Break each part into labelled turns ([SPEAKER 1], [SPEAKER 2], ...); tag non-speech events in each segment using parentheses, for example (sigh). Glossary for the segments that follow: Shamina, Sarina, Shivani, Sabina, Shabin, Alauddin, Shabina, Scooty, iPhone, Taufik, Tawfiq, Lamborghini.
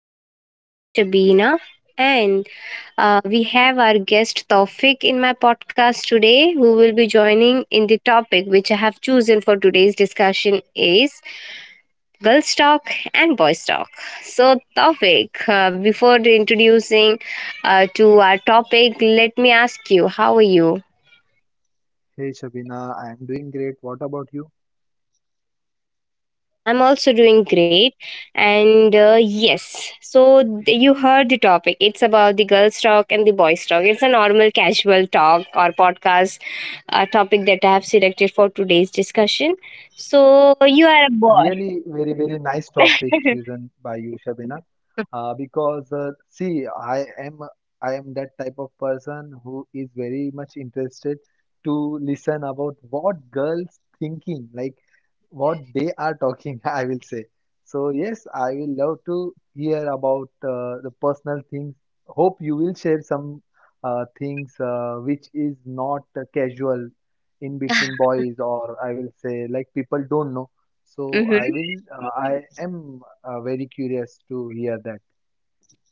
[SPEAKER 1] lovely host, Shabina. And We have our guest Taufik in my podcast today, who will be joining in the topic which I have chosen for today's discussion is girls talk and boys talk. So, Taufik, before introducing to our topic, let me ask you, how are you?
[SPEAKER 2] Hey Shabina, I am doing great. What about you?
[SPEAKER 1] I'm also doing great. And yes, so th- You heard the topic. It's about the girls' talk and the boys' talk. It's a normal casual talk or podcast topic that I have selected for today's discussion. So you are a
[SPEAKER 2] Really,
[SPEAKER 1] boy.
[SPEAKER 2] very, very nice topic chosen
[SPEAKER 1] (laughs)
[SPEAKER 2] by you, Shabina. Because see, I am that type of person who is very much interested to listen about what girls thinking, like what they are talking. (laughs) I will say. So yes, I will love to hear about the personal things. Hope you will share some things which is not casual in between boys, or I will say like people don't know. So
[SPEAKER 1] Mhm.
[SPEAKER 2] I am very curious to hear that.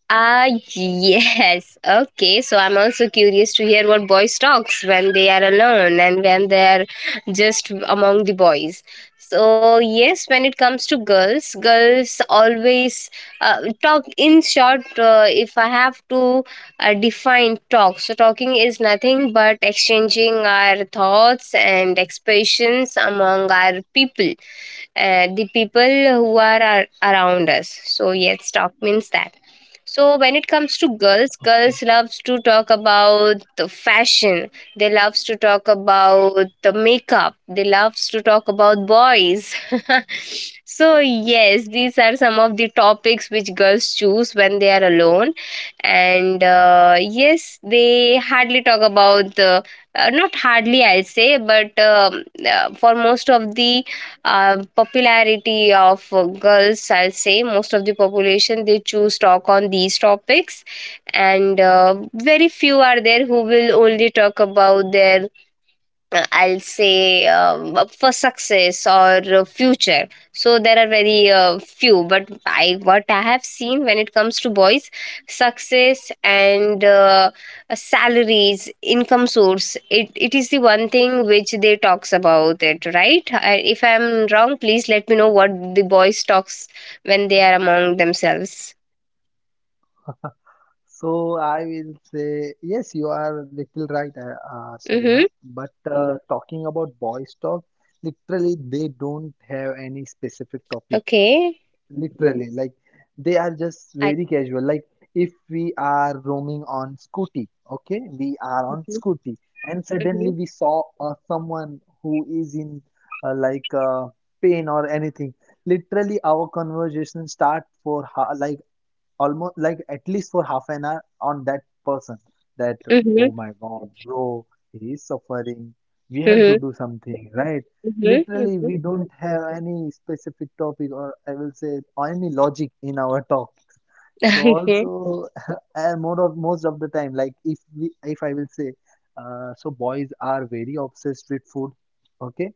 [SPEAKER 1] Ah, yes. Okay, so I'm also curious to hear what boys talks when they are alone and when they are just among the boys. So yes, when it comes to girls, girls always talk. In short, if I have to define talk, so talking is nothing but exchanging our thoughts and expressions among our people, the people who are around us. So yes, talk means that. So when it comes to girls,
[SPEAKER 2] Okay.
[SPEAKER 1] girls loves to talk about the fashion. They loves to talk about the makeup. They loves to talk about boys. (laughs) So yes, these are some of the topics which girls choose when they are alone. And Yes, they hardly talk about the not hardly I'll say, but for most of the popularity of girls I'll say most of the population they choose talk on these topics and very few are there who will only talk about their I'll say for success or future. So there are very few, but I what I have seen when it comes to boys, success and salaries, income source. It is the one thing which they talks about it, right? If I'm wrong, please let me know what the boys talks when they are among themselves.
[SPEAKER 2] So I will say, yes, you are little right, Sarina.
[SPEAKER 1] Mm-hmm.
[SPEAKER 2] But talking about boys' talk, literally they don't have any specific topic.
[SPEAKER 1] Okay.
[SPEAKER 2] Literally, like they are just
[SPEAKER 1] I.
[SPEAKER 2] very casual. Like if we are roaming on Scooty, okay, we are on
[SPEAKER 1] Mm-hmm.
[SPEAKER 2] Scooty, and
[SPEAKER 1] Mm-hmm.
[SPEAKER 2] suddenly we saw someone who is in uh, like uh, pain or anything. Literally, our conversation start for like almost like at least for half an hour on that person, that, oh my god bro, he is suffering, we have
[SPEAKER 1] Mm-hmm.
[SPEAKER 2] to do something, right? Literally
[SPEAKER 1] Mm-hmm.
[SPEAKER 2] we don't have any specific topic or I will say or any logic in our talks. So
[SPEAKER 1] Mm-hmm. (laughs)
[SPEAKER 2] also (laughs) and more of most of the time, like if I will say, so boys are very obsessed with food. Okay,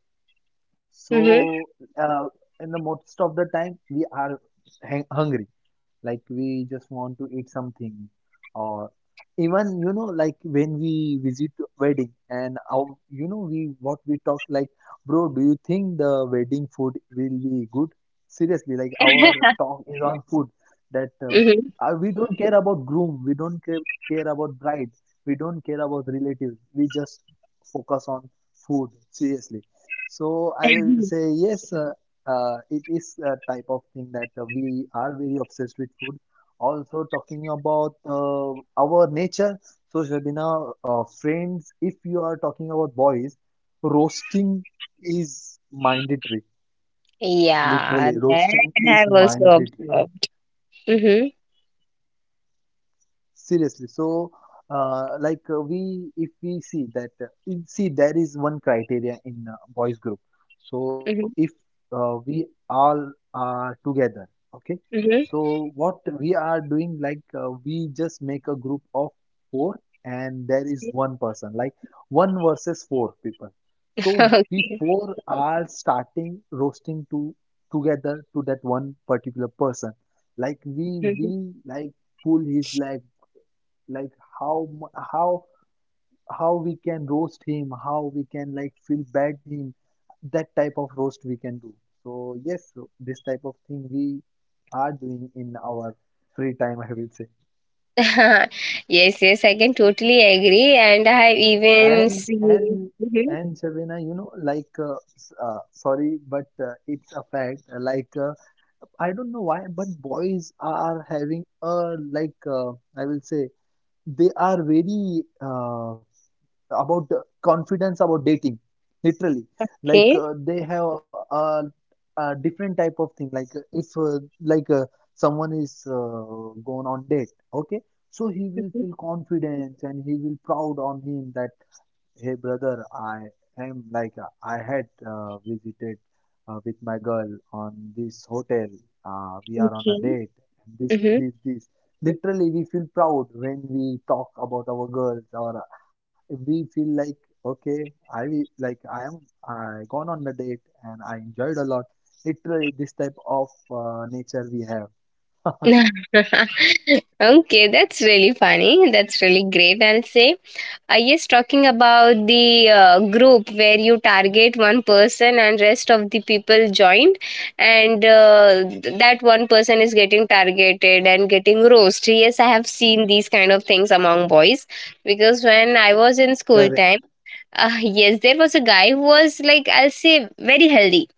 [SPEAKER 1] Mm-hmm.
[SPEAKER 2] so, uh, in the most of the time, we are hang hungry. Like we just want to eat something, or even you know, like when we visit wedding and our, you know, we what we talk like, bro, do you think the wedding food will be good? Seriously, like our talk is on food. That
[SPEAKER 1] Mm-hmm.
[SPEAKER 2] We don't care about groom, we don't care, care about bride, we don't care about relatives. We just focus on food. Seriously. So I will
[SPEAKER 1] Mhm.
[SPEAKER 2] say yes, it is a type of thing that we are very obsessed with food. Also talking about our nature. So Shabina, friends, if you are talking about boys, roasting is mandatory.
[SPEAKER 1] Yeah,
[SPEAKER 2] Literally,
[SPEAKER 1] that
[SPEAKER 2] roasting
[SPEAKER 1] I
[SPEAKER 2] is
[SPEAKER 1] have also
[SPEAKER 2] mandatory.
[SPEAKER 1] observed. Mm-hmm.
[SPEAKER 2] Seriously. So, we, if we see that, see, there is one criteria in boys group. So,
[SPEAKER 1] Mm-hmm.
[SPEAKER 2] if we all are together, okay.
[SPEAKER 1] Mm-hmm.
[SPEAKER 2] So, what we are doing, like we just make a group of four, and there is one person, like one versus four people. So,
[SPEAKER 1] (laughs)
[SPEAKER 2] we
[SPEAKER 1] Okay.
[SPEAKER 2] four are starting roasting to together to that one particular person. Like we
[SPEAKER 1] Mhm.
[SPEAKER 2] will like pull his leg, like how how we can roast him, how we can like feel bad him, that type of roast we can do. So yes, so this type of thing we are doing in our free time, I will say.
[SPEAKER 1] (laughs) Yes, yes, I can totally agree, and I have even
[SPEAKER 2] and
[SPEAKER 1] seen.
[SPEAKER 2] and
[SPEAKER 1] Mhm.
[SPEAKER 2] and Shabina, you know like sorry but it's a fact, I don't know why but boys are having a like I will say they are very about the confidence about dating. Literally, like
[SPEAKER 1] Okay.
[SPEAKER 2] they have uh, a different type of thing, like if like someone is gone on date, okay, so he will
[SPEAKER 1] Mhm.
[SPEAKER 2] feel confidence and he will proud on him that, hey brother, I am like I had visited with my girl on this hotel. We are on a
[SPEAKER 1] Okay.
[SPEAKER 2] date. And this,
[SPEAKER 1] Mm-hmm.
[SPEAKER 2] this, this. Literally, we feel proud when we talk about our girls, or we feel like, okay, I will- like I am I gone on a date and I enjoyed a lot. Literally, this type of nature we have.
[SPEAKER 1] (laughs) Okay, that's really funny. That's really great, I'll say. Yes, talking about the group where you target one person and rest of the people joined, and that one person is getting targeted and getting roast. Yes, I have seen these kind of things among boys because when I was in
[SPEAKER 2] Correct.
[SPEAKER 1] school time, yes, there was a guy who was like I'll say very healthy.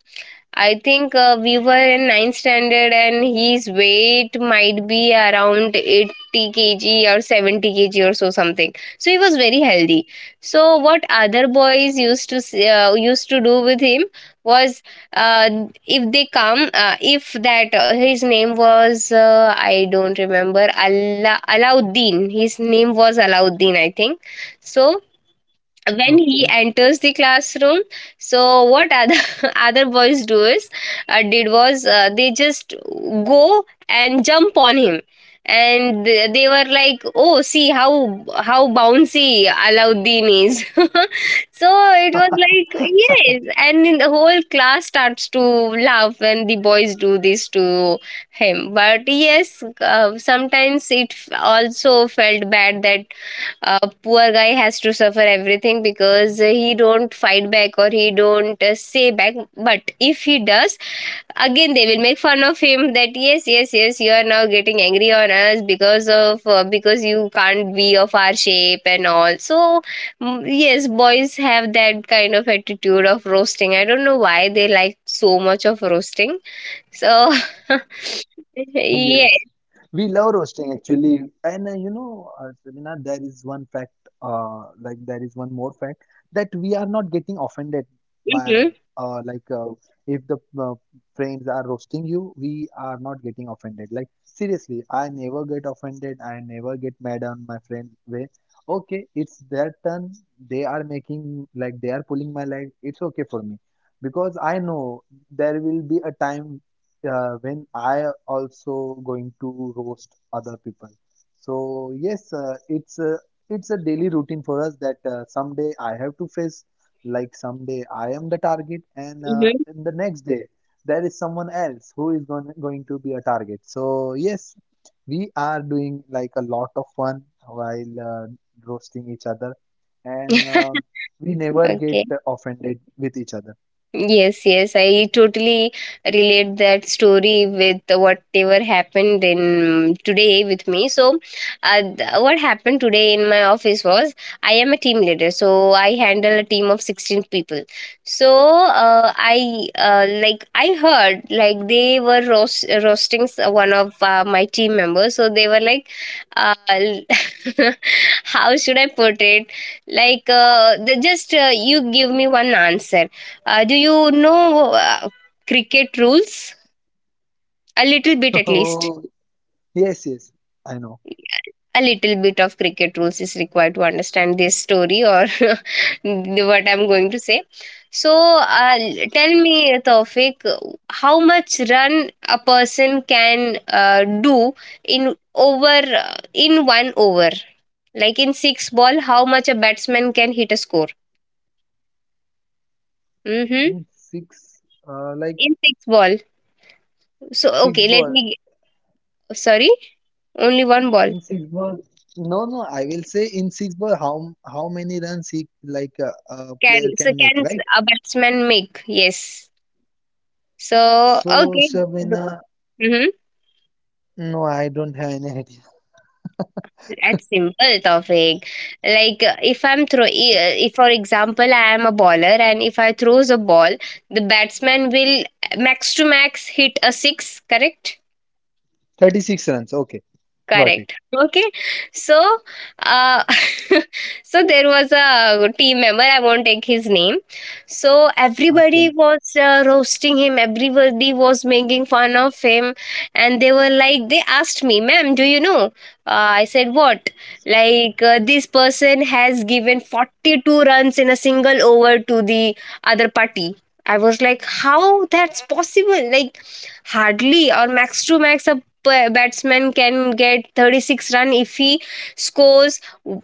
[SPEAKER 1] I think we were in ninth standard, and his weight might be around 80 kg or 70 kg or so something. So he was very healthy. So what other boys used to used to do with him was uh, if they come, if that his name was I don't remember Allah Alauddin. His name was Alauddin, I think. So
[SPEAKER 2] Okay.
[SPEAKER 1] when he enters the classroom, so what other (laughs) other boys do is did was they just go and jump on him, and they were like, oh, see how bouncy Alauddin is. (laughs) So it was like, yes, and the whole class starts to laugh when the boys do this to him. But yes, sometimes it also felt bad that poor guy has to suffer everything because he don't fight back or he don't say back. But if he does, again they will make fun of him that yes, yes, yes, you are now getting angry on us because of because you can't be of our shape and all. So mm, yes, boys have that kind of attitude of roasting. I don't know why they like so much of roasting. So (laughs)
[SPEAKER 2] (laughs) Yes. We
[SPEAKER 1] yes.
[SPEAKER 2] love roasting actually, and you know, Sabina, there is one fact, there is one more fact that we are not getting offended by,
[SPEAKER 1] Hmm.
[SPEAKER 2] uh, like uh, if the friends are roasting you, we are not getting offended. Like seriously, I never get offended. I never get mad on my friend way. Okay, it's their turn. They are making like they are pulling my leg. It's okay for me because I know there will be a time when I also going to roast other people. So yes, it's a daily routine for us that someday I have to face, like someday I am the target, and
[SPEAKER 1] Hmm.
[SPEAKER 2] in the next day there is someone else who is going to be a target. So yes, we are doing like a lot of fun while roasting each other, and we never get
[SPEAKER 1] (laughs) Okay.
[SPEAKER 2] offended with each other.
[SPEAKER 1] Yes, yes, I totally relate that story with whatever happened in today with me. So, what happened today in my office was I am a team leader, so I handle a team of 16 people. So, I like I heard like they were roasting one of my team members. So they were like, uh, (laughs) how should I put it? Like, they just you give me one answer. Do you know cricket rules? A little bit,
[SPEAKER 2] (laughs)
[SPEAKER 1] at least.
[SPEAKER 2] Oh yes, yes, I know.
[SPEAKER 1] A little bit of cricket rules is required to understand this story or (laughs) what I'm going to say. So, uh, tell me, Taufik, how much run a person can do in over in one over? Like in six ball, how much a batsman can hit a score? Mm-hmm.
[SPEAKER 2] In uh, like
[SPEAKER 1] In six ball. So,
[SPEAKER 2] six
[SPEAKER 1] okay, let
[SPEAKER 2] ball.
[SPEAKER 1] me. Sorry, only one ball.
[SPEAKER 2] In six ball. No, no. I will say in six ball. How many runs he like a
[SPEAKER 1] Can
[SPEAKER 2] player
[SPEAKER 1] so
[SPEAKER 2] can make,
[SPEAKER 1] can
[SPEAKER 2] right?
[SPEAKER 1] a batsman make? Yes. So
[SPEAKER 2] So
[SPEAKER 1] okay.
[SPEAKER 2] Shabina,
[SPEAKER 1] Mm-hmm.
[SPEAKER 2] no, I don't have any idea.
[SPEAKER 1] That's simple topic. Like if if for example I am a bowler and if I throws a ball, the batsman will max to max hit a six. Correct.
[SPEAKER 2] 36 runs. Okay, got it.
[SPEAKER 1] Correct. Okay. So, uh, (laughs) so there was a team member. I won't take his name. So
[SPEAKER 2] Okay,
[SPEAKER 1] everybody was roasting him. Everybody was making fun of him, and they were like, they asked me, "Ma'am, do you know?" I said, "What?" Like this person has given 42 runs in a single over to the other party. I was like, how that's possible? Like, hardly or max to max a batsman can get 36 run if he scores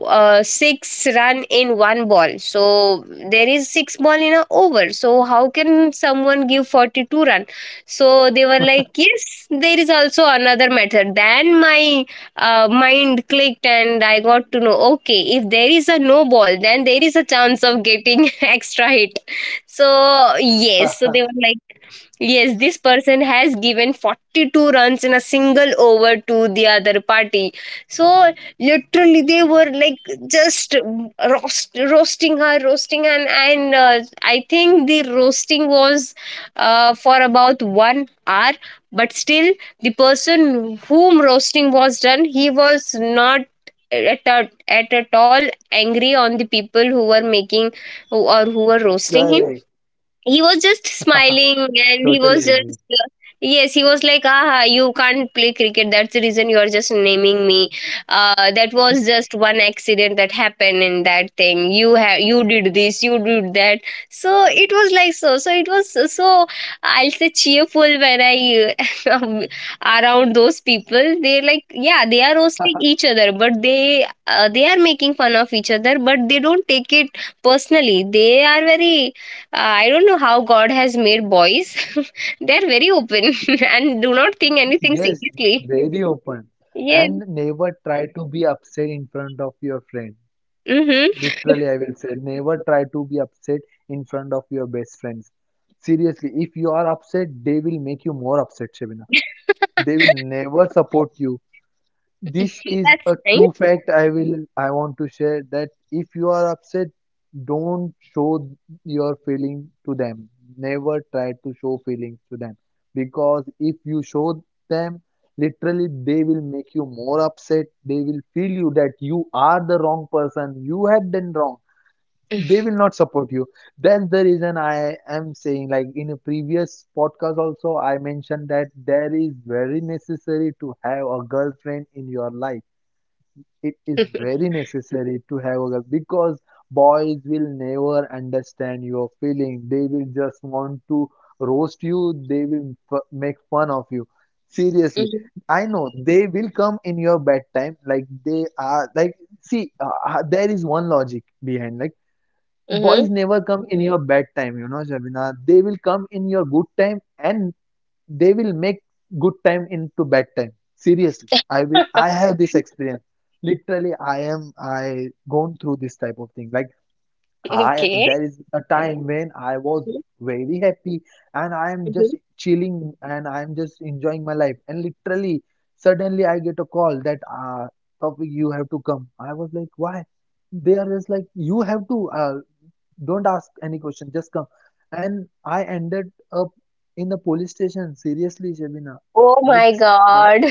[SPEAKER 1] six run in one ball. So there is six ball in a over. So how can someone give 42 run? So they were like, yes, there is also another method. Then my mind clicked and I got to know, okay, if there is a no ball, then there is a chance of getting (laughs) extra hit. So, yes, so they were
[SPEAKER 2] (laughs)
[SPEAKER 1] like, yes, this person has given 42 runs in a single over to the other party. So, literally, they were like just roasting her, her, and I think the roasting was for about 1 hour, but still, the person whom roasting was done, he was not. At, at all angry on the people who were making or who were roasting
[SPEAKER 2] correct.
[SPEAKER 1] him. He was just smiling and
[SPEAKER 2] Totally
[SPEAKER 1] he was
[SPEAKER 2] agree.
[SPEAKER 1] just, yes, he was like, aha, you can't play cricket, that's the reason you are just naming me. That was just one accident that happened in that thing. You have you did this, you did that. So it was like, so it was I'll say cheerful. When I uh, (laughs) around those people, they're like, yeah, they are
[SPEAKER 2] (laughs)
[SPEAKER 1] roasting each other, but they are making fun of each other, but they don't take it personally. They are very I don't know how God has made boys. (laughs) They're very open (laughs) and do not think
[SPEAKER 2] Yes,
[SPEAKER 1] anything seriously.
[SPEAKER 2] very open. And
[SPEAKER 1] Yes.
[SPEAKER 2] never try to be upset in front of your friend.
[SPEAKER 1] Mm-hmm.
[SPEAKER 2] Literally, I will say, never try to be upset in front of your best friends. Seriously, if you are upset, they will make you more upset, Shabina. They will never support you. This
[SPEAKER 1] (laughs)
[SPEAKER 2] is a
[SPEAKER 1] That's nice.
[SPEAKER 2] true fact I want to share that if you are upset, don't show your feeling to them. Never try to show feelings to them, because if you show them, literally they will make you more upset. They will feel you that you are the wrong person. You have done wrong, they
[SPEAKER 1] (laughs)
[SPEAKER 2] will not support you. That's the reason I am saying, like in a previous podcast also I mentioned that there is very necessary to have a girlfriend in your life. It is
[SPEAKER 1] Mm-hmm.
[SPEAKER 2] very necessary to have a girl because boys will never understand your feeling, they will just want to roast you, they will make fun of you. Seriously, I know they will come in your bad time. Like they are like, see, there is one logic behind, like
[SPEAKER 1] Mm-hmm.
[SPEAKER 2] boys never come in your bad time, you know, Shabina. They will come in your good time and they will make good time into bad time. Seriously. I will
[SPEAKER 1] (laughs)
[SPEAKER 2] I have this experience. Literally, I gone through this type of thing. Like I
[SPEAKER 1] Okay.
[SPEAKER 2] there is a time when I was very happy and I am just
[SPEAKER 1] Mhm.
[SPEAKER 2] chilling and I am just enjoying my life. And literally, suddenly I get a call that Tawfiq, you have to come. I was like, why? They are just like, you have to. Don't ask any question, just come. And I ended up in the police station. Seriously, Shabina.
[SPEAKER 1] Oh
[SPEAKER 2] Like,
[SPEAKER 1] my
[SPEAKER 2] I,
[SPEAKER 1] God.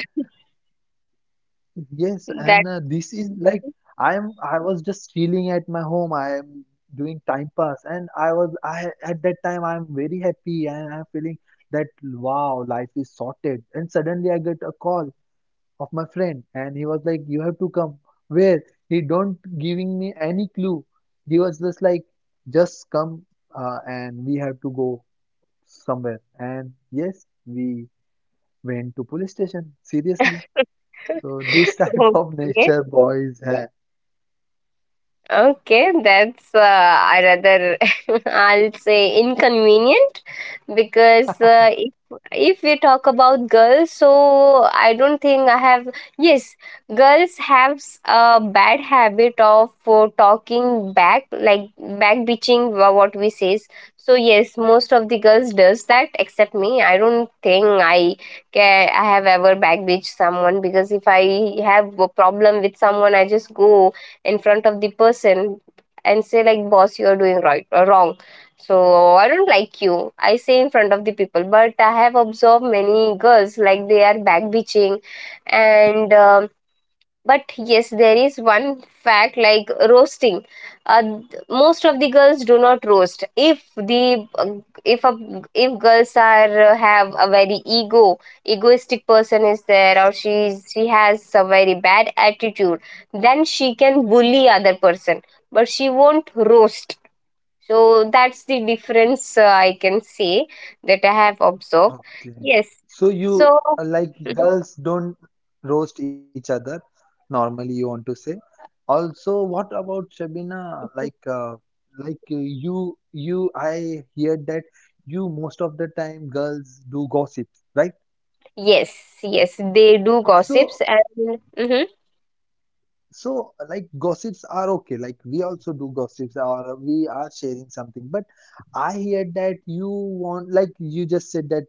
[SPEAKER 2] yes,
[SPEAKER 1] (laughs) That.
[SPEAKER 2] and this is like I was just chilling at my home. I am doing time pass, and I was. I at that time I'm very happy, and I'm feeling that wow, life is sorted. And suddenly I get a call of my friend and he was like, you have to come. Where? He don't giving me any clue. He was just like, just come, and we have to go somewhere. And yes, we went to police station. Seriously.
[SPEAKER 1] (laughs)
[SPEAKER 2] So this (laughs) type of
[SPEAKER 1] Okay.
[SPEAKER 2] nature boys have.
[SPEAKER 1] Okay, that's I rather (laughs) I'll say inconvenient because if if we talk about girls, so I don't think I have. Yes, girls have a bad habit of talking back, like back bitching, what we says. So yes, most of the girls does that except me. I don't think I have ever back bitch someone because if I have a problem with someone, I just go in front of the person and say like, boss, you are doing right or wrong, so I don't like you. I say in front of the people, but I have observed many girls like they are back bitching. And but yes, there is one fact like roasting. Most of the girls do not roast. If the if a if girls are have a very ego egoistic person is there or she has a very bad attitude, then she can bully other person, but she won't roast. So that's the difference, I can say, that I have observed.
[SPEAKER 3] Okay.
[SPEAKER 1] Yes.
[SPEAKER 3] So you,
[SPEAKER 1] So
[SPEAKER 3] like
[SPEAKER 1] (laughs)
[SPEAKER 3] girls don't roast each other normally, you want to say. Also, what about Shabina? You I heard that, you, most of the time girls do gossip, right?
[SPEAKER 1] yes, yes, they do
[SPEAKER 3] So
[SPEAKER 1] gossips and mm-hmm,
[SPEAKER 3] So, like, gossips are okay. Like, we also do gossips, or we are sharing something. But I hear that you want, like, you just said that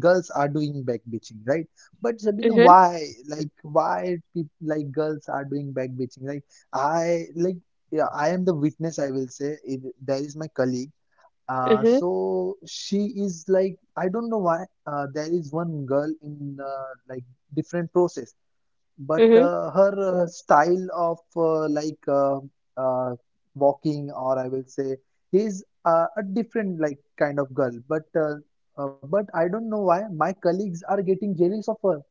[SPEAKER 3] girls are doing back bitching, right? But Sabina,
[SPEAKER 1] mm-hmm,
[SPEAKER 3] why? Like, why people, like, girls are doing back bitching? Like, I like, yeah, I am the witness. I will say it, there is my colleague. Uh,
[SPEAKER 1] mm-hmm,
[SPEAKER 3] so she is like, I don't know why. There is one girl in, like, different process, but
[SPEAKER 1] mm-hmm.
[SPEAKER 3] her style of, uh, walking, or I will say, is a different, like, kind of girl, but I don't know why my colleagues are getting jealous of her.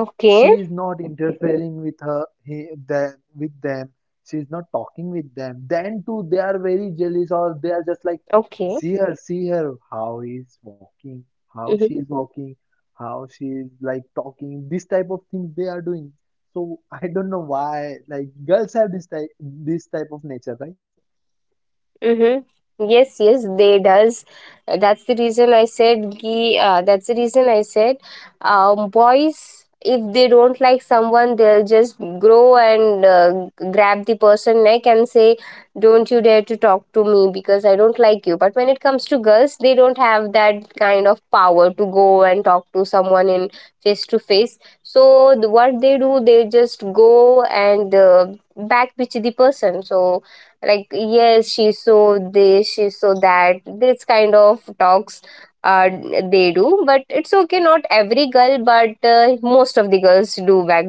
[SPEAKER 1] Okay,
[SPEAKER 3] She is not interfering with her, with them. She is not talking with them.
[SPEAKER 1] okay.
[SPEAKER 3] Then too, they are very jealous, or they are just like, see her, how is walking, how she is walking, how she is, like, talking. This type of things they are doing. So I don't know why. Like, girls have this type of nature, right?
[SPEAKER 1] Mm-hmm. Yes, yes, they does. That's the reason I said. That's the reason I said. Boys, if they don't like someone, they'll just grow and grab the person neck and say, "Don't you dare to talk to me because I don't like you." But when it comes to girls, they don't have that kind of power to go and talk to someone in face to face. So the, what they do, they just go and backpitch the person. So like, yes, she saw this, she saw that, this kind of talks uh, they do. But it's okay, not every girl, but most of the girls do back.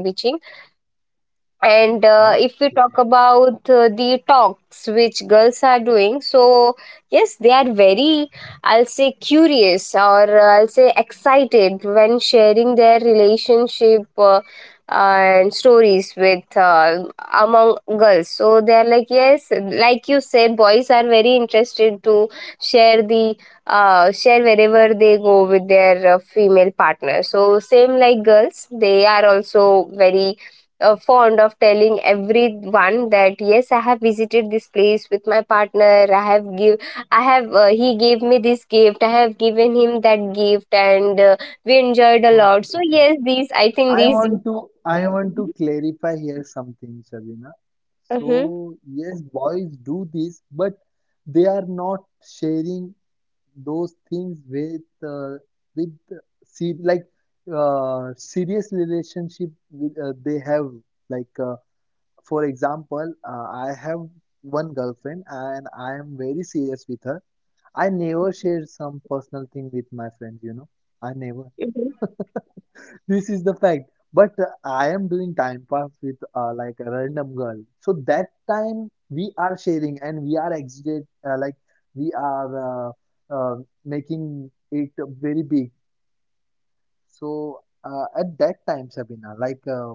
[SPEAKER 1] And if we talk
[SPEAKER 3] Okay,
[SPEAKER 1] about the talks which girls are doing, so yes, they are very, I'll say, curious or I'll say excited when sharing their relationship and stories with among girls. So they are like, yes, like you said, boys are very interested to share the share wherever they go with their female partner. So same like girls, they are also very fond of telling everyone that, yes, I have visited this place with my partner, i have give I have he gave me this gift, I have given him that gift. And we enjoyed a lot. So
[SPEAKER 3] okay.
[SPEAKER 1] yes, these i think
[SPEAKER 3] I
[SPEAKER 1] these
[SPEAKER 3] want to I want to clarify here something, Shabina.
[SPEAKER 1] Mhm.
[SPEAKER 3] So yes, boys do this, but they are not sharing those things with, with, see, like, serious relationship with, they have, like, for example, I have one girlfriend and I am very serious with her. I never share some personal thing with my friends. I never.
[SPEAKER 1] Mhm.
[SPEAKER 3] This is the fact. But I am doing time pass with, like, a random girl. So that time we are sharing and we are exited, like we are, uh, making it very big. So at that time, Sabina,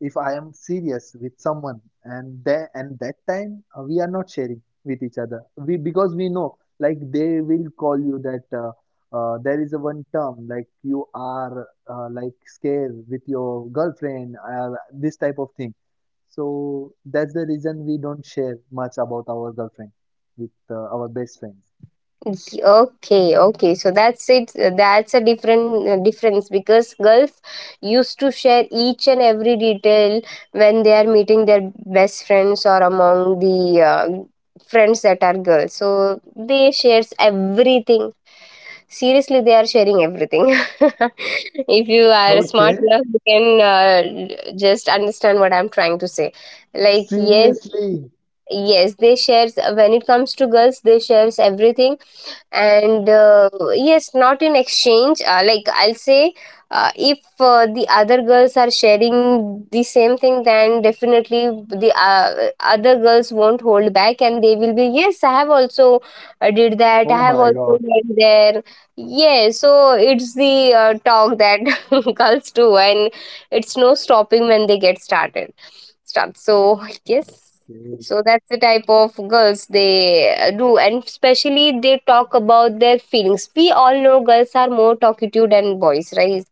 [SPEAKER 3] if I am serious with someone, and then and that time we are not sharing with each other. We Because we know, like, they will call you that, there is a one term like you are, like, scared with your girlfriend, this type of thing. So that's the reason we don't share much about our girlfriend with our best friends.
[SPEAKER 1] Okay, okay, so that's it, that's a different difference, because girls used to share each and every detail when they are meeting their best friends or among the friends that are girls. So they shares everything, seriously they are sharing everything. (laughs) If you are smart
[SPEAKER 3] Okay.
[SPEAKER 1] enough, you can uh, just understand what I'm trying to say. Like, yes,
[SPEAKER 3] Seriously.
[SPEAKER 1] yes, they shares. When it comes to girls, they shares everything. And yes, not in exchange, like I'll say, if the other girls are sharing the same thing, then definitely the other girls won't hold back and they will be, yes, I have also did that, I
[SPEAKER 3] Oh
[SPEAKER 1] have
[SPEAKER 3] my
[SPEAKER 1] also
[SPEAKER 3] God.
[SPEAKER 1] went there. Yeah, so it's the talk that (laughs) girls do, and it's no stopping when they get started start. So (laughs) yes,
[SPEAKER 3] Okay.
[SPEAKER 1] so that's the type of girls they do, and especially they talk about their feelings. We all know girls are more talkative than boys, right?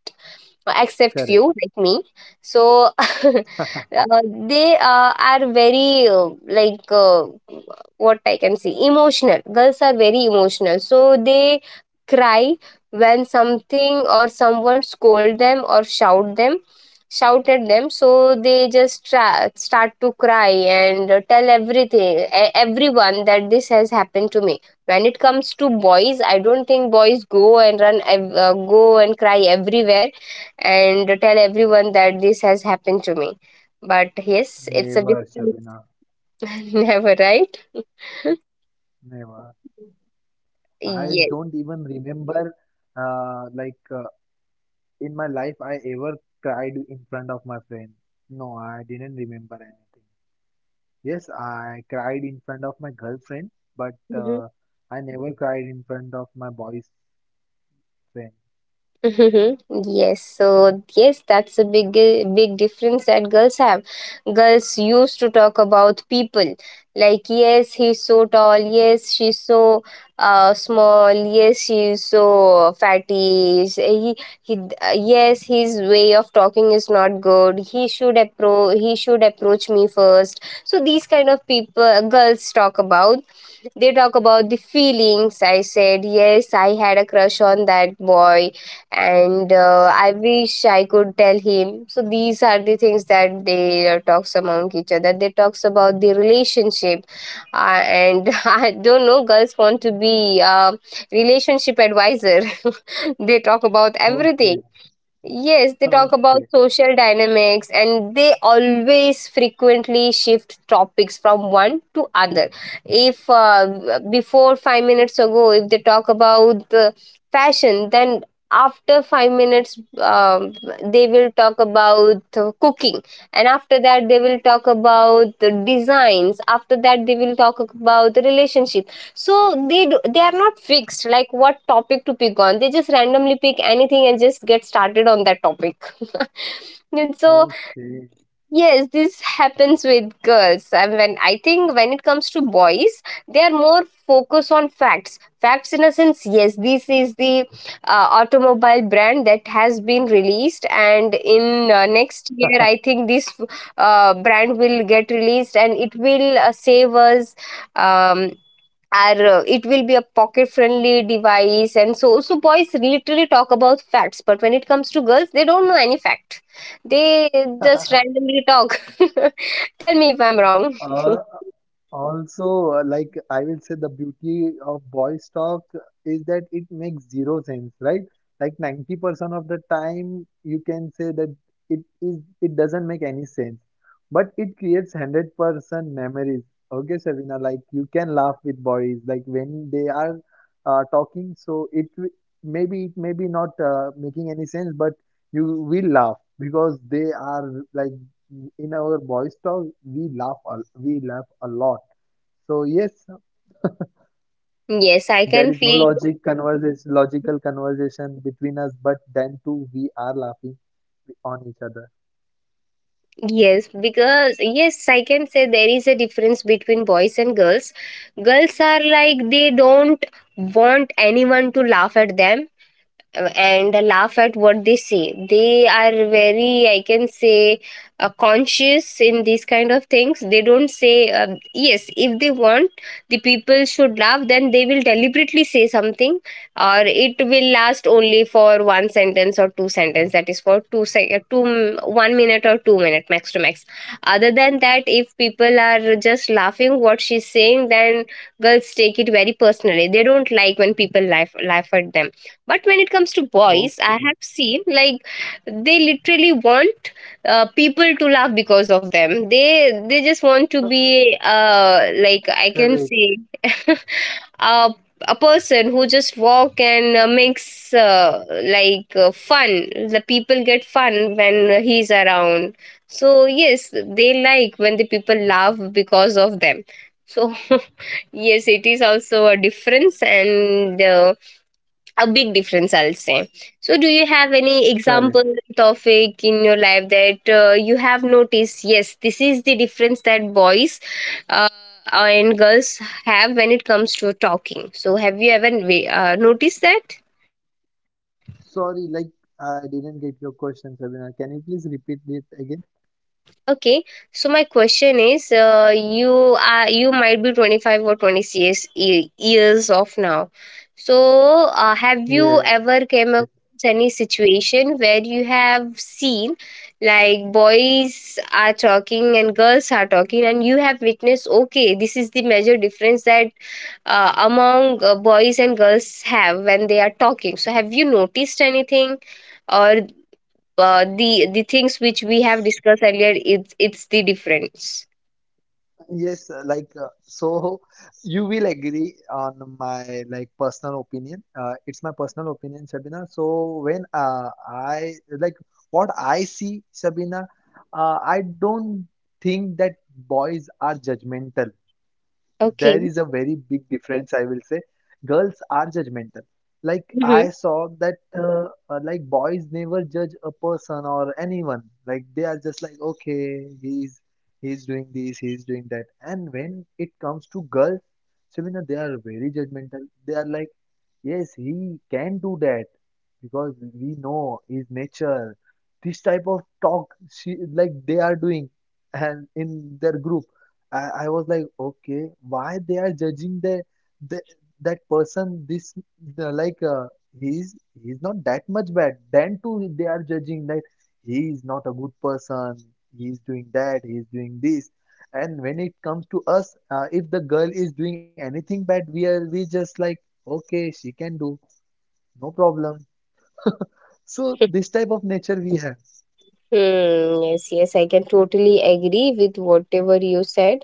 [SPEAKER 1] Except
[SPEAKER 3] Correct.
[SPEAKER 1] few like me. So (laughs) uh, they are very like uh, what I can say, emotional. Girls are very emotional, so they cry when something or someone scold them or shout at them. So they just start to cry and tell everything, everyone, that this has happened to me. When it comes to boys, I don't think boys go and run go and cry everywhere and tell everyone that this has happened to me. But yes, it's a
[SPEAKER 3] Never,
[SPEAKER 1] different.
[SPEAKER 3] Sabina,
[SPEAKER 1] (laughs) Never, right.
[SPEAKER 3] never. I
[SPEAKER 1] (laughs) Yes.
[SPEAKER 3] don't even remember, uh, like uh, in my life, I ever cried in front of my friend. No, I didn't remember anything. Yes, I cried in front of my girlfriend, but I never cried in front of my boy's friend.
[SPEAKER 1] Mhm. Yes, so yes, that's a big difference that girls have. Girls used to talk about people like, yes, he's so tall, yes, she's so small, yes, she's so fatty. He yes, his way of talking is not good. He should appro he should approach me first. So these kind of people girls talk about. They talk about the feelings. I said, yes, I had a crush on that boy, and I wish I could tell him. So these are the things that they talks among each other. They talks about the relationship. And (laughs) I don't know, girls want to be a relationship advisor. (laughs) They talk about everything.
[SPEAKER 3] Okay,
[SPEAKER 1] Yes, they talk about
[SPEAKER 3] okay,
[SPEAKER 1] social dynamics, and they always frequently shift topics from one to other. If before 5 minutes ago, if they talk about the fashion, then after 5 minutes, they will talk about cooking, and after that, they will talk about the designs. After that, they will talk about the relationship. So they do, they are not fixed like what topic to pick on. They just randomly pick anything and just get started on that topic. (laughs) And so
[SPEAKER 3] okay.
[SPEAKER 1] yes, this happens with girls. And when I think, when it comes to boys, they are more focused on facts. Facts in a sense, yes, this is the automobile brand that has been released, and in next year, I think this brand will get released and it will save us. um, and it will be a pocket friendly device. And so, so boys literally talk about facts. But when it comes to girls, they don't know any fact. They just
[SPEAKER 3] (laughs)
[SPEAKER 1] randomly talk. (laughs) Tell me if I'm wrong. (laughs)
[SPEAKER 3] Uh, Also, like I will say, the beauty of boys talk is that it makes zero sense, right? Like, 90% of the time, you can say that it doesn't make any sense, but it creates 100% memories. Okay, Shavina, like you can laugh with boys, like when they are talking, so maybe it may be not making any sense, but you will laugh because they are, like, in our boys talk we laugh a, we laugh a lot. So yes,
[SPEAKER 1] Yes, I
[SPEAKER 3] there
[SPEAKER 1] can
[SPEAKER 3] is no
[SPEAKER 1] feel.
[SPEAKER 3] logical conversation between us, but then too we are laughing on each other.
[SPEAKER 1] Yes, because, yes, I can say there is a difference between boys and girls. Girls are like, they don't want anyone to laugh at them and laugh at what they say. They are very, I can say, conscious in these kind of things. They don't say, yes, if they want the people should laugh, then they will deliberately say something, or it will last only for 1 sentence or 2 sentence, that is for two sec- two m- 1 minute or 2 minute, max to max. Other than that, if people are just laughing what she's saying, then girls take it very personally. They don't like when people laugh at them. But when it comes to boys, I
[SPEAKER 3] Okay,
[SPEAKER 1] have seen like they literally want people to laugh because of them. They just want to be like I can
[SPEAKER 3] correct,
[SPEAKER 1] say, (laughs) a, a person who just walk and makes fun. The people get fun when he's around. So yes, they like when the people laugh because of them. So (laughs) yes, it is also a difference, and a big difference, I'll say. So do you have any
[SPEAKER 3] correct.
[SPEAKER 1] example topic in your life that you have noticed, yes, this is the difference that boys uh, and girls have when it comes to talking? So have you ever noticed that?
[SPEAKER 3] Sorry, like, I didn't get your question, Sabina. Can you please repeat it again?
[SPEAKER 1] Okay, so my question is, you are, you might be 25 or 26 years of now. So, have you ever came across any situation where you have seen like boys are talking and girls are talking, and you have witnessed, okay, this is the major difference that among boys and girls have when they are talking. So, have you noticed anything? Or the things which we
[SPEAKER 3] Yes.
[SPEAKER 1] have discussed earlier, it's the difference.
[SPEAKER 3] Yes, so (laughs) you will agree on my, like, personal opinion. It's my personal opinion, Shabina. So when I like what I see, Shabina, I don't think that boys are judgmental.
[SPEAKER 1] Okay.
[SPEAKER 3] There is a very big difference, I will say. Girls are judgmental. Like,
[SPEAKER 1] Hmm.
[SPEAKER 3] I
[SPEAKER 1] (laughs)
[SPEAKER 3] saw that, uh, like, boys never judge a person or anyone. Like, they are just like, okay, he's doing this, he's doing that. And when it comes to girls, Selena, they are very judgmental. They are like, yes, he can do that because we know his nature. This type of talk, she, like, they are doing, and in their group, I was like, okay, why they are judging the that person? This the, he's he's not that much bad. Then too they are judging that he is not a good person. He's doing that. He's doing this. And when it comes to us, if the girl is doing anything bad, we just like, okay, she can do. No problem. So this type of nature we have.
[SPEAKER 1] Hmm, yes, yes, I can totally agree with whatever you said.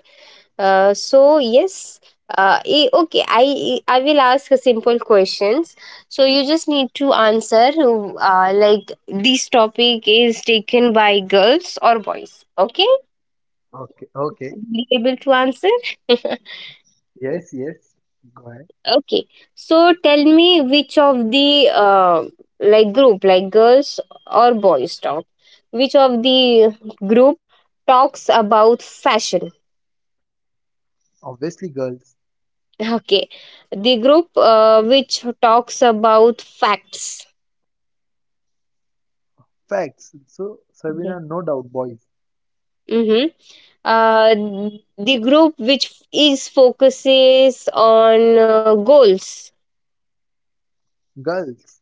[SPEAKER 1] So yes, okay, I will ask a simple questions. So you just need to answer. Like, this topic is taken by girls or boys. Okay,
[SPEAKER 3] Okay, okay.
[SPEAKER 1] be able to answer. (laughs)
[SPEAKER 3] Yes, yes. Go ahead.
[SPEAKER 1] Okay, so tell me which of the like group, like girls or boys talk, which of the group talks about fashion?
[SPEAKER 3] Obviously girls.
[SPEAKER 1] (laughs) Okay, the group which talks about facts.
[SPEAKER 3] Facts. So Sabina,
[SPEAKER 1] Okay.
[SPEAKER 3] no doubt boys.
[SPEAKER 1] Mm-hmm. Uh, the group which is focuses on goals.
[SPEAKER 3] Girls.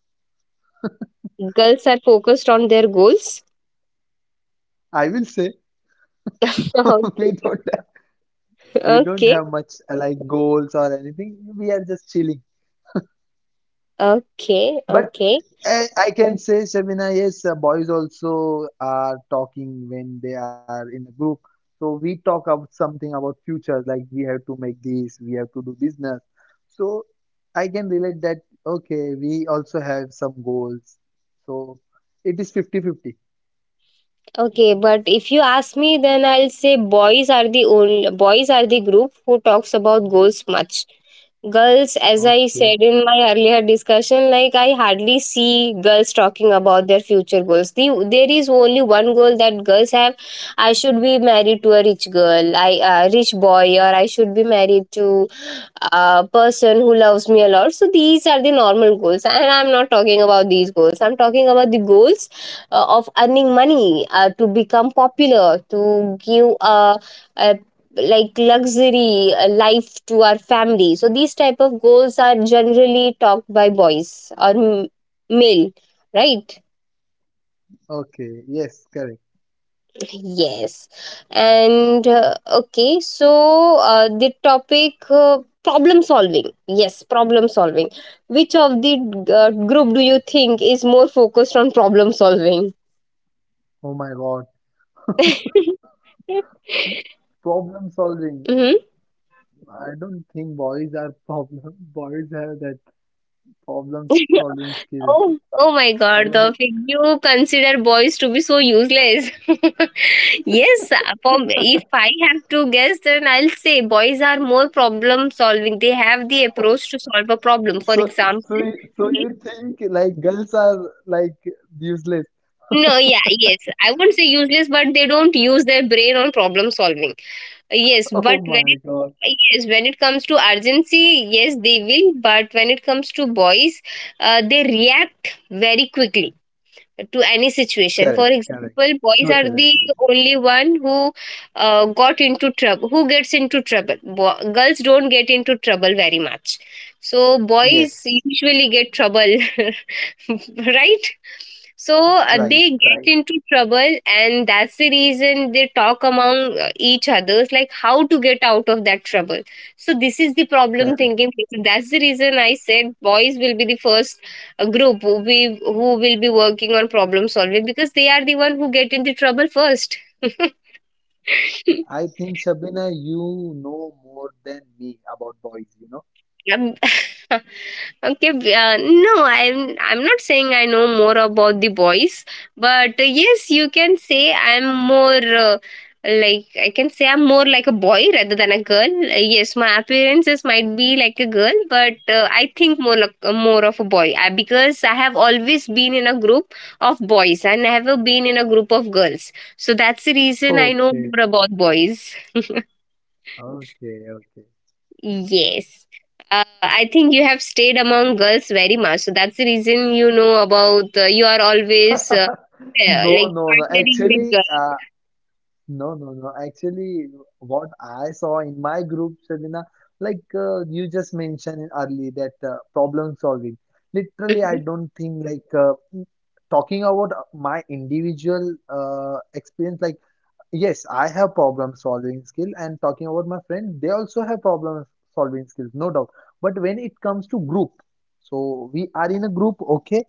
[SPEAKER 1] Girls are focused on their goals.
[SPEAKER 3] I will say,
[SPEAKER 1] (laughs)
[SPEAKER 3] (laughs)
[SPEAKER 1] Okay.
[SPEAKER 3] we don't have, we don't
[SPEAKER 1] Okay.
[SPEAKER 3] have much, like, goals or anything. We are just chilling.
[SPEAKER 1] Okay.
[SPEAKER 3] But
[SPEAKER 1] Okay.
[SPEAKER 3] I can say, Shabina, yes, boys also are talking when they are in a group. So we talk about something about futures, like we have to make this, we have to do business. So I can relate that, okay, we also have some goals. So it is fifty-fifty.
[SPEAKER 1] Okay, but if you ask me, then I'll say boys are the only, boys are the group who talks about goals much. Girls, as I
[SPEAKER 3] Okay,
[SPEAKER 1] said in my earlier discussion, like, I hardly see girls talking about their future goals. There is only one goal that girls have: I should be married to a rich girl, I, a rich boy, or I should be married to a person who loves me a lot. So these are the normal goals, and I'm not talking about these goals. I'm talking about the goals of earning money, to become popular, to give a like luxury life to our family. So these type of goals are generally talked by boys or male, right?
[SPEAKER 3] okay, yes, correct.
[SPEAKER 1] Yes. And okay, so the topic, problem solving, yes, problem solving, which of the group do you think is more focused on problem solving?
[SPEAKER 3] Oh my God.
[SPEAKER 1] (laughs)
[SPEAKER 3] Problem solving.
[SPEAKER 1] Mm-hmm.
[SPEAKER 3] I don't think boys are problem. (laughs) Boys have that problem
[SPEAKER 1] (laughs)
[SPEAKER 3] solving skills.
[SPEAKER 1] Oh, oh my
[SPEAKER 3] I
[SPEAKER 1] God,
[SPEAKER 3] don't.
[SPEAKER 1] Taufik, you consider boys to be so useless. (laughs) Yes, for, if I have to guess, then I'll say boys are more problem solving. They have the approach to solve a problem. For
[SPEAKER 3] So,
[SPEAKER 1] example, (laughs)
[SPEAKER 3] so
[SPEAKER 1] Mhm.
[SPEAKER 3] you think, like, girls are, like, useless? (laughs)
[SPEAKER 1] No, yeah, yes, I won't say useless, but they don't use their brain on problem solving. Yes,
[SPEAKER 3] Oh
[SPEAKER 1] but when
[SPEAKER 3] my
[SPEAKER 1] it,
[SPEAKER 3] God.
[SPEAKER 1] yes, when it comes to urgency, yes, they will. But when it comes to boys, they react very quickly to any situation. For
[SPEAKER 3] Correct, correct.
[SPEAKER 1] example, boys are
[SPEAKER 3] Totally
[SPEAKER 1] the
[SPEAKER 3] agree.
[SPEAKER 1] only one who who gets into trouble. Girls don't get into trouble very much. So boys
[SPEAKER 3] Yes,
[SPEAKER 1] usually get trouble. (laughs) (laughs) Right? So
[SPEAKER 3] right,
[SPEAKER 1] they get
[SPEAKER 3] right,
[SPEAKER 1] into trouble, and that's the reason they talk among each others, like how to get out of that trouble. So this is the problem
[SPEAKER 3] correct.
[SPEAKER 1] thinking people. That's the reason I said boys will be the first group who, we who will be working on problem solving, because they are the one who get into trouble first. (laughs)
[SPEAKER 3] I think, Shabina, you know more than me about boys, you know?
[SPEAKER 1] Um, (laughs) Okay, no, I'm not saying I know more about the boys, but yes, you can say I'm more like I can say, I'm more like a boy rather than a girl. Yes, my appearances might be like a girl, but I think more like more of a boy, I, because I have always been in a group of boys. I never been in a group of girls, so that's the reason I know
[SPEAKER 3] Okay,
[SPEAKER 1] more about boys.
[SPEAKER 3] okay, okay.
[SPEAKER 1] Yes. I think you have stayed among girls very much. So that's the reason you know about, you are always
[SPEAKER 3] (laughs) No,
[SPEAKER 1] like
[SPEAKER 3] no, no.
[SPEAKER 1] partnering with
[SPEAKER 3] Actually,
[SPEAKER 1] girls.
[SPEAKER 3] No, no, no. Actually, what I saw in my group, Shabina, you just mentioned early that, problem solving. Literally, I
[SPEAKER 1] Hmm.
[SPEAKER 3] don't think, talking about my individual experience, like, yes, I have problem solving skill, and talking about my friend, they also have problem solving skills, no doubt. But when it comes to group, so we are in a group, okay?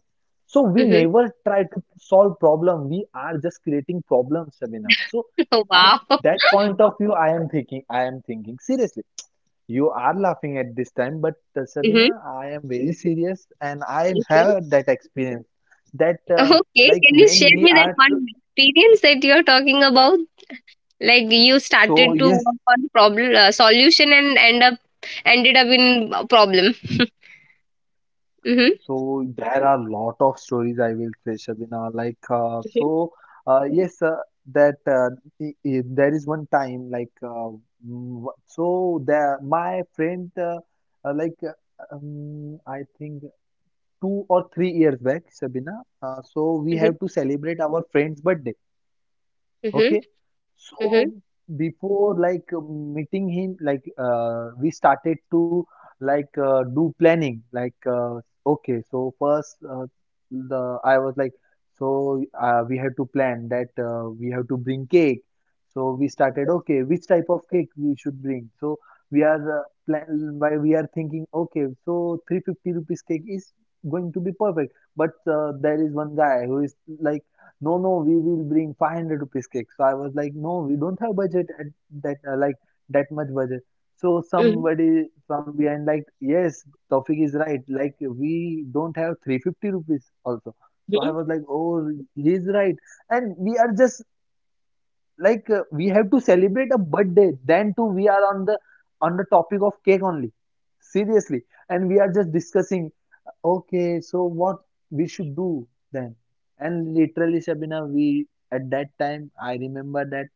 [SPEAKER 3] So we
[SPEAKER 1] Hmm.
[SPEAKER 3] never try to solve problem. We are just creating problems, Sabina. So
[SPEAKER 1] (laughs) Oh,
[SPEAKER 3] at
[SPEAKER 1] wow.
[SPEAKER 3] that point of view, I am thinking, seriously. You are laughing at this time, but,
[SPEAKER 1] Hmm.
[SPEAKER 3] Sabina, I am very serious and I
[SPEAKER 1] Okay.
[SPEAKER 3] have that experience that,
[SPEAKER 1] Okay.
[SPEAKER 3] like
[SPEAKER 1] Can you
[SPEAKER 3] when
[SPEAKER 1] share
[SPEAKER 3] we
[SPEAKER 1] me that
[SPEAKER 3] are tr-
[SPEAKER 1] one experience that you're talking about? Like you
[SPEAKER 3] so
[SPEAKER 1] started to
[SPEAKER 3] yes.
[SPEAKER 1] work on problem solution and ended up in a problem. (laughs) Hmm.
[SPEAKER 3] So there are lot of stories I will say, Shabina. Like
[SPEAKER 1] Hmm.
[SPEAKER 3] so, yes, that I- There is one time, so there my friend, uh, like uh, I think 2 or 3 years back, Shabina. So we
[SPEAKER 1] Hmm.
[SPEAKER 3] have to celebrate our friend's birthday. Okay, so
[SPEAKER 1] Hmm.
[SPEAKER 3] before, meeting him, we started to, do planning. Okay, so first, the I was like, so we have to plan that we have to bring cake. So we started, okay, which type of cake we should bring. So we are, plan by we are thinking, okay, so 350 rupees cake is going to be perfect. But there is one guy who is like, no, no, we will bring 500 rupees cake. So I was like, no, we don't have budget at, that like, that much budget. So
[SPEAKER 1] Hmm.
[SPEAKER 3] somebody from behind, like, yes, Taufik is right, like, we don't have 350 rupees also. So I
[SPEAKER 1] Hmm.
[SPEAKER 3] was like, oh, he's right. And we are just, we have to celebrate a birthday, then too we are on the topic of cake only, seriously. And we are just discussing, okay, so what we should do then? And literally, Sabina, we at that time, I remember that,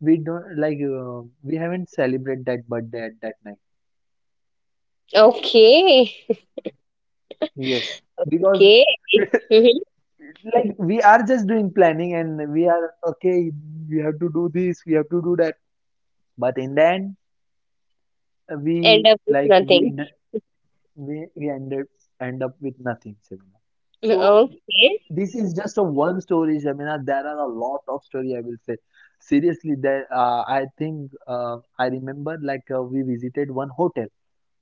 [SPEAKER 3] we don't like we haven't celebrated that birthday at that night.
[SPEAKER 1] Okay.
[SPEAKER 3] Yes. Because
[SPEAKER 1] Okay.
[SPEAKER 3] (laughs)
[SPEAKER 1] (laughs)
[SPEAKER 3] like we are just doing planning and we are, okay, we have to do this, we have to do that. But in the end,
[SPEAKER 1] End
[SPEAKER 3] we
[SPEAKER 1] up with
[SPEAKER 3] like
[SPEAKER 1] nothing.
[SPEAKER 3] we ended end up with nothing, Shamina. So
[SPEAKER 1] Okay.
[SPEAKER 3] this is just a one story, Shamina. There are a lot of story, I will say. Seriously, there I think, I remember, we visited one hotel.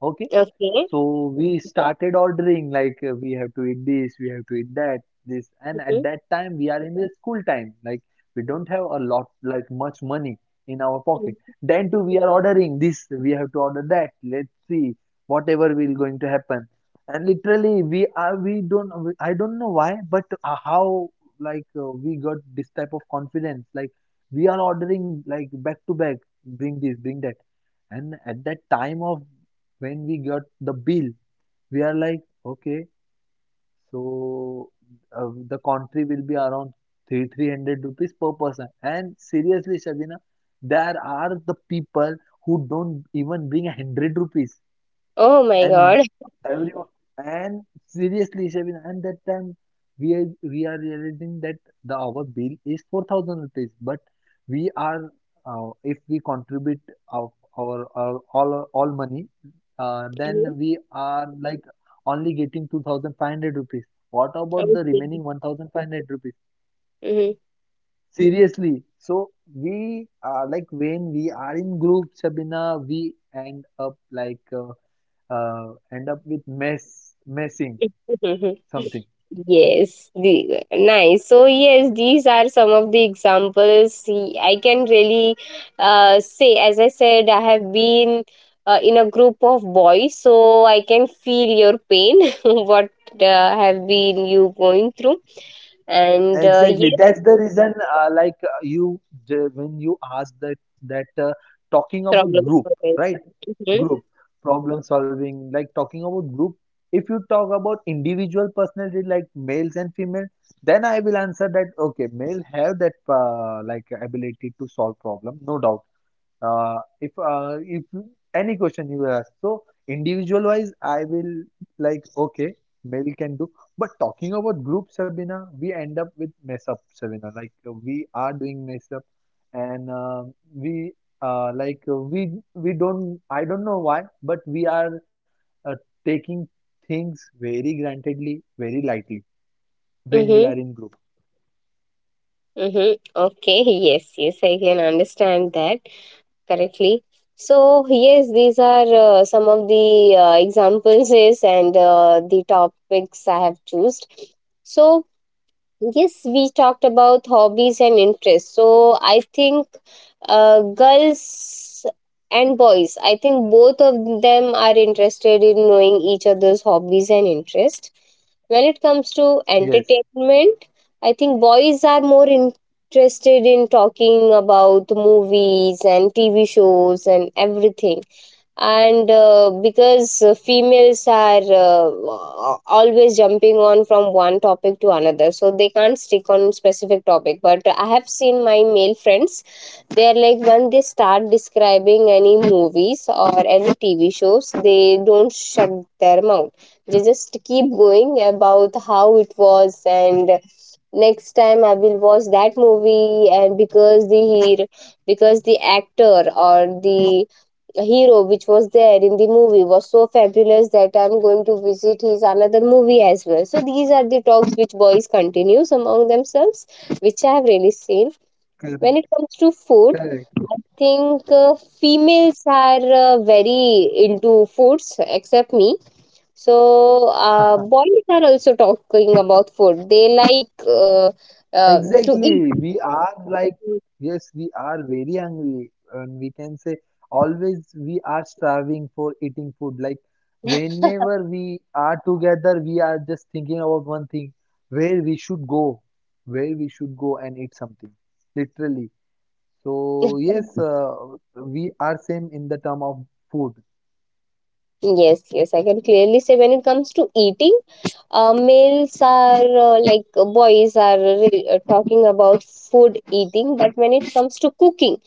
[SPEAKER 3] Okay,
[SPEAKER 1] Okay.
[SPEAKER 3] so we started ordering, we have to eat this, we have to eat that, this. And at
[SPEAKER 1] Mhm.
[SPEAKER 3] that time we are in the school time, like, we don't have a lot, like, much money in our pocket.
[SPEAKER 1] Mhm.
[SPEAKER 3] Then too we are ordering this, we have to order that. Let's see whatever will going to happen. And literally, we are we don't we- I don't know why, but how, we got this type of confidence, like, we are ordering, like, back to back, bring this, bring that. And at that time of when we got the bill, we are like, okay, so the country will be around three hundred rupees per person. And seriously, Shabina, there are the people who don't even bring 100 rupees
[SPEAKER 1] Oh my
[SPEAKER 3] and
[SPEAKER 1] god.
[SPEAKER 3] everyone and seriously Shabin and that time we are realizing that the our bill is 4000 rupees, but we are if we contribute of our all money, then
[SPEAKER 1] Mhm.
[SPEAKER 3] we are like only getting 2500 rupees. What about the
[SPEAKER 1] Okay.
[SPEAKER 3] remaining 1500 rupees?
[SPEAKER 1] Mhm.
[SPEAKER 3] Seriously. So we are like, when we are in group, Sabina, we end up like end up with messing
[SPEAKER 1] Mhm.
[SPEAKER 3] something.
[SPEAKER 1] (laughs) Yes. The, nice. So yes, these are some of the I can really say. As I said, I have been in a group of boys, so I can feel your pain. (laughs) What have been you going through? And
[SPEAKER 3] Exactly.
[SPEAKER 1] yes,
[SPEAKER 3] That's the reason, like you, when you ask that, talking about group,
[SPEAKER 1] problems.
[SPEAKER 3] right?
[SPEAKER 1] Mm-hmm.
[SPEAKER 3] Group problem solving, like talking about group. If you talk about individual personality, like males and female, then I will answer that. Okay, male have that like ability to solve problem, no doubt. If any question you ask, so individual wise I will, like, okay, male can do. But talking about group, Sabina, we end up with mess up, Sabina, like we are doing mess up. And we like uh, we don't, I don't know why, but we are uh, taking things very grantedly, very lightly when we
[SPEAKER 1] Mm-hmm.
[SPEAKER 3] are in group.
[SPEAKER 1] Mm-hmm. Okay, yes, yes, I can understand that correctly. So, yes, these are some of the examples is and the topics I have chosen. So, yes, we talked about hobbies and interests. So I think girls and boys, I think both of them are interested in knowing each other's hobbies and interests. When it comes to
[SPEAKER 3] Yes.
[SPEAKER 1] entertainment, I think boys are more interested in talking about movies and TV shows and everything, and because females are always jumping on from one topic to another, so they can't stick on specific topic. But I have seen my male friends, they are like, when they start describing any movies or any TV shows, they don't shut their mouth. They just keep going about how it was and next time I will watch that movie, and because the actor or the hero which was there in the movie was so fabulous that I'm going to visit his another movie as well. So these are the talks which boys continues among themselves, which I have really seen. When
[SPEAKER 3] Correct,
[SPEAKER 1] it comes to food,
[SPEAKER 3] correct.
[SPEAKER 1] I think females are very into foods except me. So boys are also talking about food. They like to eat.
[SPEAKER 3] Exactly. We are like, yes, we are very hungry, and we can say always we are starving for eating food. Like, whenever we are together, we are just thinking about one thing, where we should go, where we should go and eat something, literally. So, yes, we are same in the term of food.
[SPEAKER 1] Yes, yes, I can clearly say when it comes to eating, males are boys are talking about food eating, but when it comes to cooking,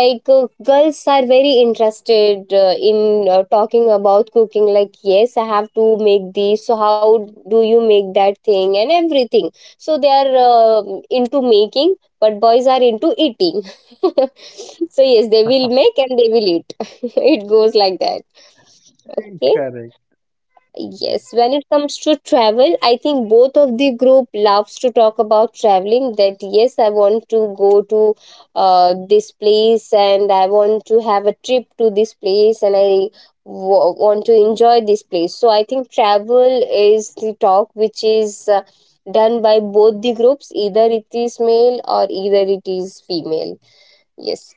[SPEAKER 1] girls are very interested in talking about cooking. Like, yes, I have to make this. So, how do you make that thing and everything? So they are into making, but boys are into eating. (laughs) So yes, they will make and they will eat. (laughs) It goes like that.
[SPEAKER 3] (laughs)
[SPEAKER 1] Okay.
[SPEAKER 3] Correct.
[SPEAKER 1] Yes, when it comes to travel, I think both of the group loves to talk about traveling. That yes, I want to go to this place, and I want to have a trip to this place, and I want to enjoy this place. So I think travel is the talk which is done by both the groups, either it is male or either it is female. Yes,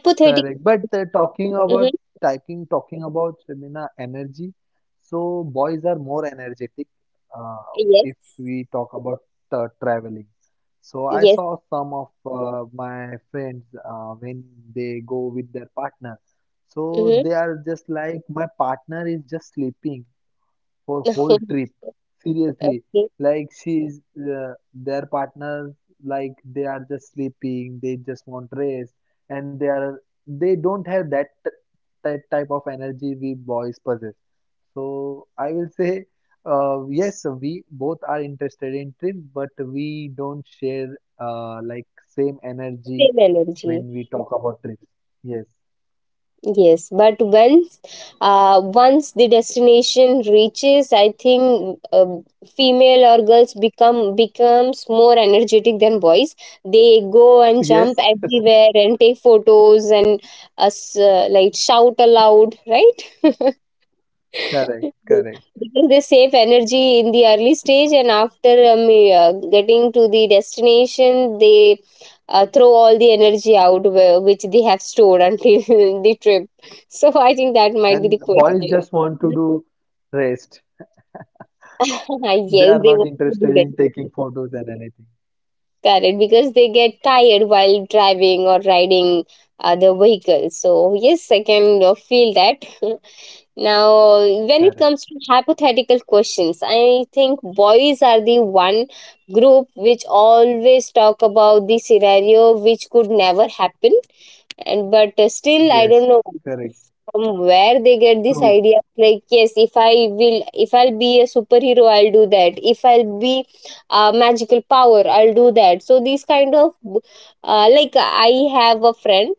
[SPEAKER 3] Correct. But
[SPEAKER 1] Mm-hmm.
[SPEAKER 3] talking about stamina energy, so boys are more energetic uh, if
[SPEAKER 1] Yes,
[SPEAKER 3] we talk about traveling. So I
[SPEAKER 1] yes.
[SPEAKER 3] saw some of my friends when they go with their partner. So
[SPEAKER 1] Mm-hmm.
[SPEAKER 3] they are just like, my partner is just sleeping for whole
[SPEAKER 1] (laughs)
[SPEAKER 3] trip. Seriously,
[SPEAKER 1] Okay,
[SPEAKER 3] like, she's their partners, like they are just sleeping, they just want rest, and they don't have that that type of energy we boys possess. So I will say, yes, we both are interested in trips, but we don't share like same energy
[SPEAKER 1] same energy.
[SPEAKER 3] when we talk about trips. Yes.
[SPEAKER 1] Yes, but once, once the destination reaches, I think female or girls becomes more energetic than boys. They go and
[SPEAKER 3] (laughs)
[SPEAKER 1] jump
[SPEAKER 3] Yes,
[SPEAKER 1] everywhere and take photos, and us like shout aloud, right? (laughs)
[SPEAKER 3] correct, correct.
[SPEAKER 1] Because they save energy in the early stage, and after getting to the destination, they throw all the energy out which they have stored until (laughs) the trip, so I think that might be
[SPEAKER 3] And
[SPEAKER 1] the
[SPEAKER 3] boys
[SPEAKER 1] question.
[SPEAKER 3] just want to
[SPEAKER 1] (laughs)
[SPEAKER 3] do rest.
[SPEAKER 1] Yes,
[SPEAKER 3] They are
[SPEAKER 1] they
[SPEAKER 3] not
[SPEAKER 1] want to
[SPEAKER 3] interested
[SPEAKER 1] do that.
[SPEAKER 3] in taking photos and anything.
[SPEAKER 1] Correct, because they get tired while driving or riding the vehicle, so yes, I can feel that. (laughs) Now, when it
[SPEAKER 3] Correct.
[SPEAKER 1] comes to hypothetical questions, I think boys are the one group which always talk about the scenario which could never happen. And but still, I don't
[SPEAKER 3] Yes.
[SPEAKER 1] know
[SPEAKER 3] Correct.
[SPEAKER 1] from where they get this
[SPEAKER 3] True.
[SPEAKER 1] idea. Like, yes, if I will, if I'll be a superhero, I'll do that. If I'll be a magical power, I'll do that. So these kind of, like, I have a friend,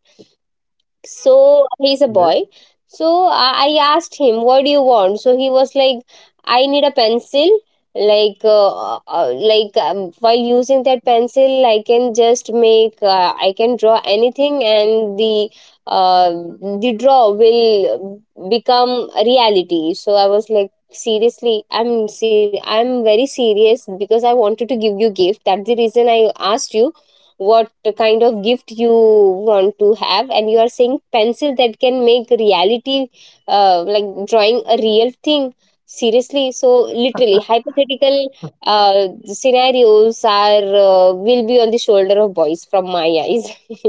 [SPEAKER 1] so he's a
[SPEAKER 3] Yes.
[SPEAKER 1] boy. So I asked him, "What do you want?" So he was like, "I need a pencil." Like, while using that pencil, I can just make, I can draw anything, and uh, the draw will become a reality. So I was like, seriously, I'm very serious because I wanted to give you gift. That's the reason I asked you what kind of gift you want to have, and you are saying pencil that can make reality, like drawing a real thing. Seriously, so literally, hypothetical scenarios are will be on the shoulder of boys from my eyes. (laughs)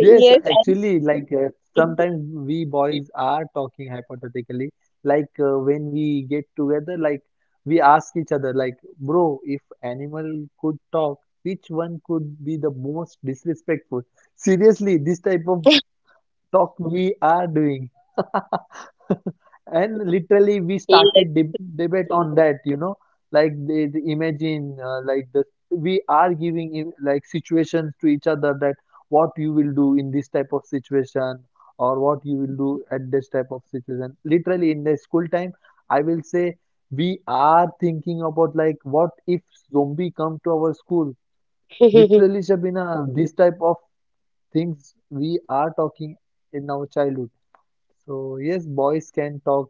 [SPEAKER 3] Yes,
[SPEAKER 1] I
[SPEAKER 3] actually, like
[SPEAKER 1] think.
[SPEAKER 3] sometimes we boys are talking hypothetically. Like when we get together, like we ask each other, like, bro, if animal could talk, which one could be the most disrespectful? Seriously, this type of talk we are doing. (laughs)
[SPEAKER 1] Yes.
[SPEAKER 3] And literally we started debate on that, you know, like they imagine, like the we are giving in, like, situations to each other, that what you will do in this type of situation, or what you will do at this type of situation. Literally in the school time, I will say, we are thinking about, like, what if zombie come to our school,
[SPEAKER 1] (laughs)
[SPEAKER 3] literally, Shabina. This type of things we are talking in our childhood. So yes, boys can talk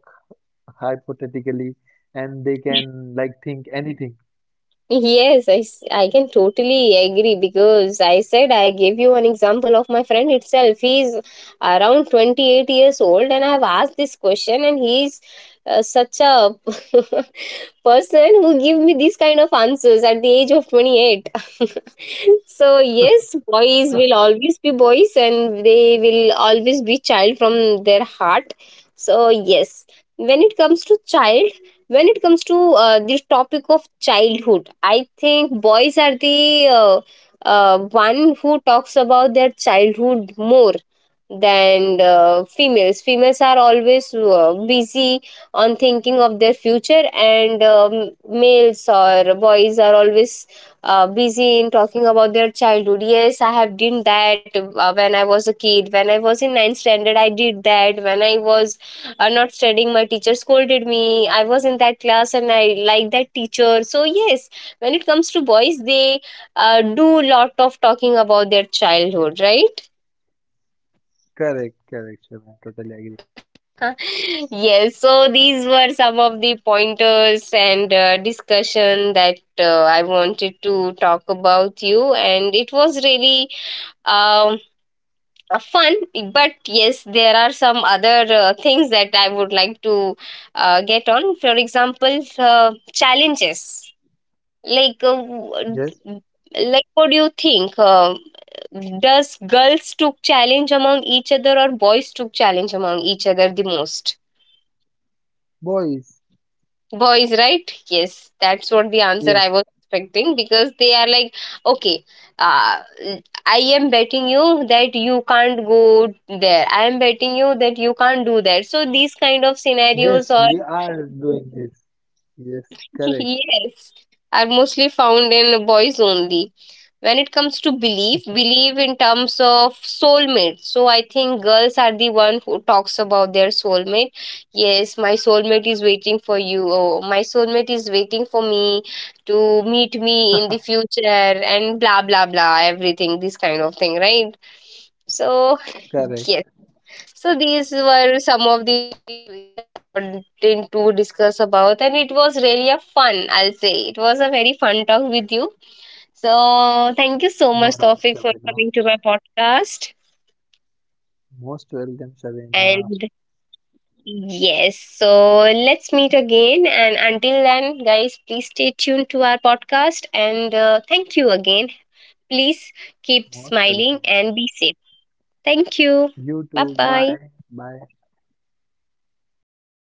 [SPEAKER 3] hypothetically, and they can like think anything.
[SPEAKER 1] Yes, I, I can totally agree because I said I gave you an example of my friend itself. He's around 28 years old, and I've asked this question, and he's such a (laughs) person who give me these kind of answers at the age of 28. (laughs) So, yes, boys will always be boys, and they will always be child from their heart. So, yes, when it comes to child when it comes to this topic of childhood, I think boys are the uh, one who talks about their childhood more than females. Females are always busy on thinking of their future, and males or boys are always busy in talking about their childhood. Yes, I have done that. Uh, when I was a kid, when I was in ninth standard, I did that. When I was or not studying, my teacher scolded me. I was in that class, and I like that teacher. So yes, when it comes to boys, they do lot of talking about their childhood, right?
[SPEAKER 3] Correct, correct, Shivani. Totally agree.
[SPEAKER 1] (laughs) Yes, so these were some of the pointers and discussion that I wanted to talk about you, and it was really um, fun. But yes, there are some other things that I would like to get on, for example, uh, challenges. Like,
[SPEAKER 3] Yes,
[SPEAKER 1] like, what do you think? Does girls took challenge among each other or boys took challenge among each other the most?
[SPEAKER 3] boys.
[SPEAKER 1] Boys, right? Yes, that's what the answer
[SPEAKER 3] Yes,
[SPEAKER 1] I was expecting, because they are like, okay, uh, I am betting you that you can't go there. I am betting you that you can't do that. So these kind of
[SPEAKER 3] yes,
[SPEAKER 1] scenarios
[SPEAKER 3] we
[SPEAKER 1] or
[SPEAKER 3] are doing this. Yes,
[SPEAKER 1] (laughs)
[SPEAKER 3] correct,
[SPEAKER 1] yes, are mostly found in boys only. When it comes to belief in terms of soulmate, so I think girls are the one who talks about their soulmate. Yes, my soulmate is waiting for you, oh, my soulmate is waiting for me to meet me in the future, and blah blah blah everything, this kind of thing, right? So
[SPEAKER 3] correct.
[SPEAKER 1] (laughs) yes, so these were some of the wanted to discuss about, and it was really a fun, I'll say it was a very fun talk with you. So thank you so much,
[SPEAKER 3] No doubt,
[SPEAKER 1] Tofik, for
[SPEAKER 3] Shabina.
[SPEAKER 1] coming to my podcast.
[SPEAKER 3] Most welcome, Shabina.
[SPEAKER 1] And yes, so let's meet again. And until then, guys, please stay tuned to our podcast. And thank you again. Please
[SPEAKER 3] Most
[SPEAKER 1] keep
[SPEAKER 3] welcome.
[SPEAKER 1] smiling and be safe. Thank
[SPEAKER 3] You
[SPEAKER 1] you.
[SPEAKER 3] too.
[SPEAKER 1] Bye
[SPEAKER 3] Bye.
[SPEAKER 1] bye.
[SPEAKER 3] Bye.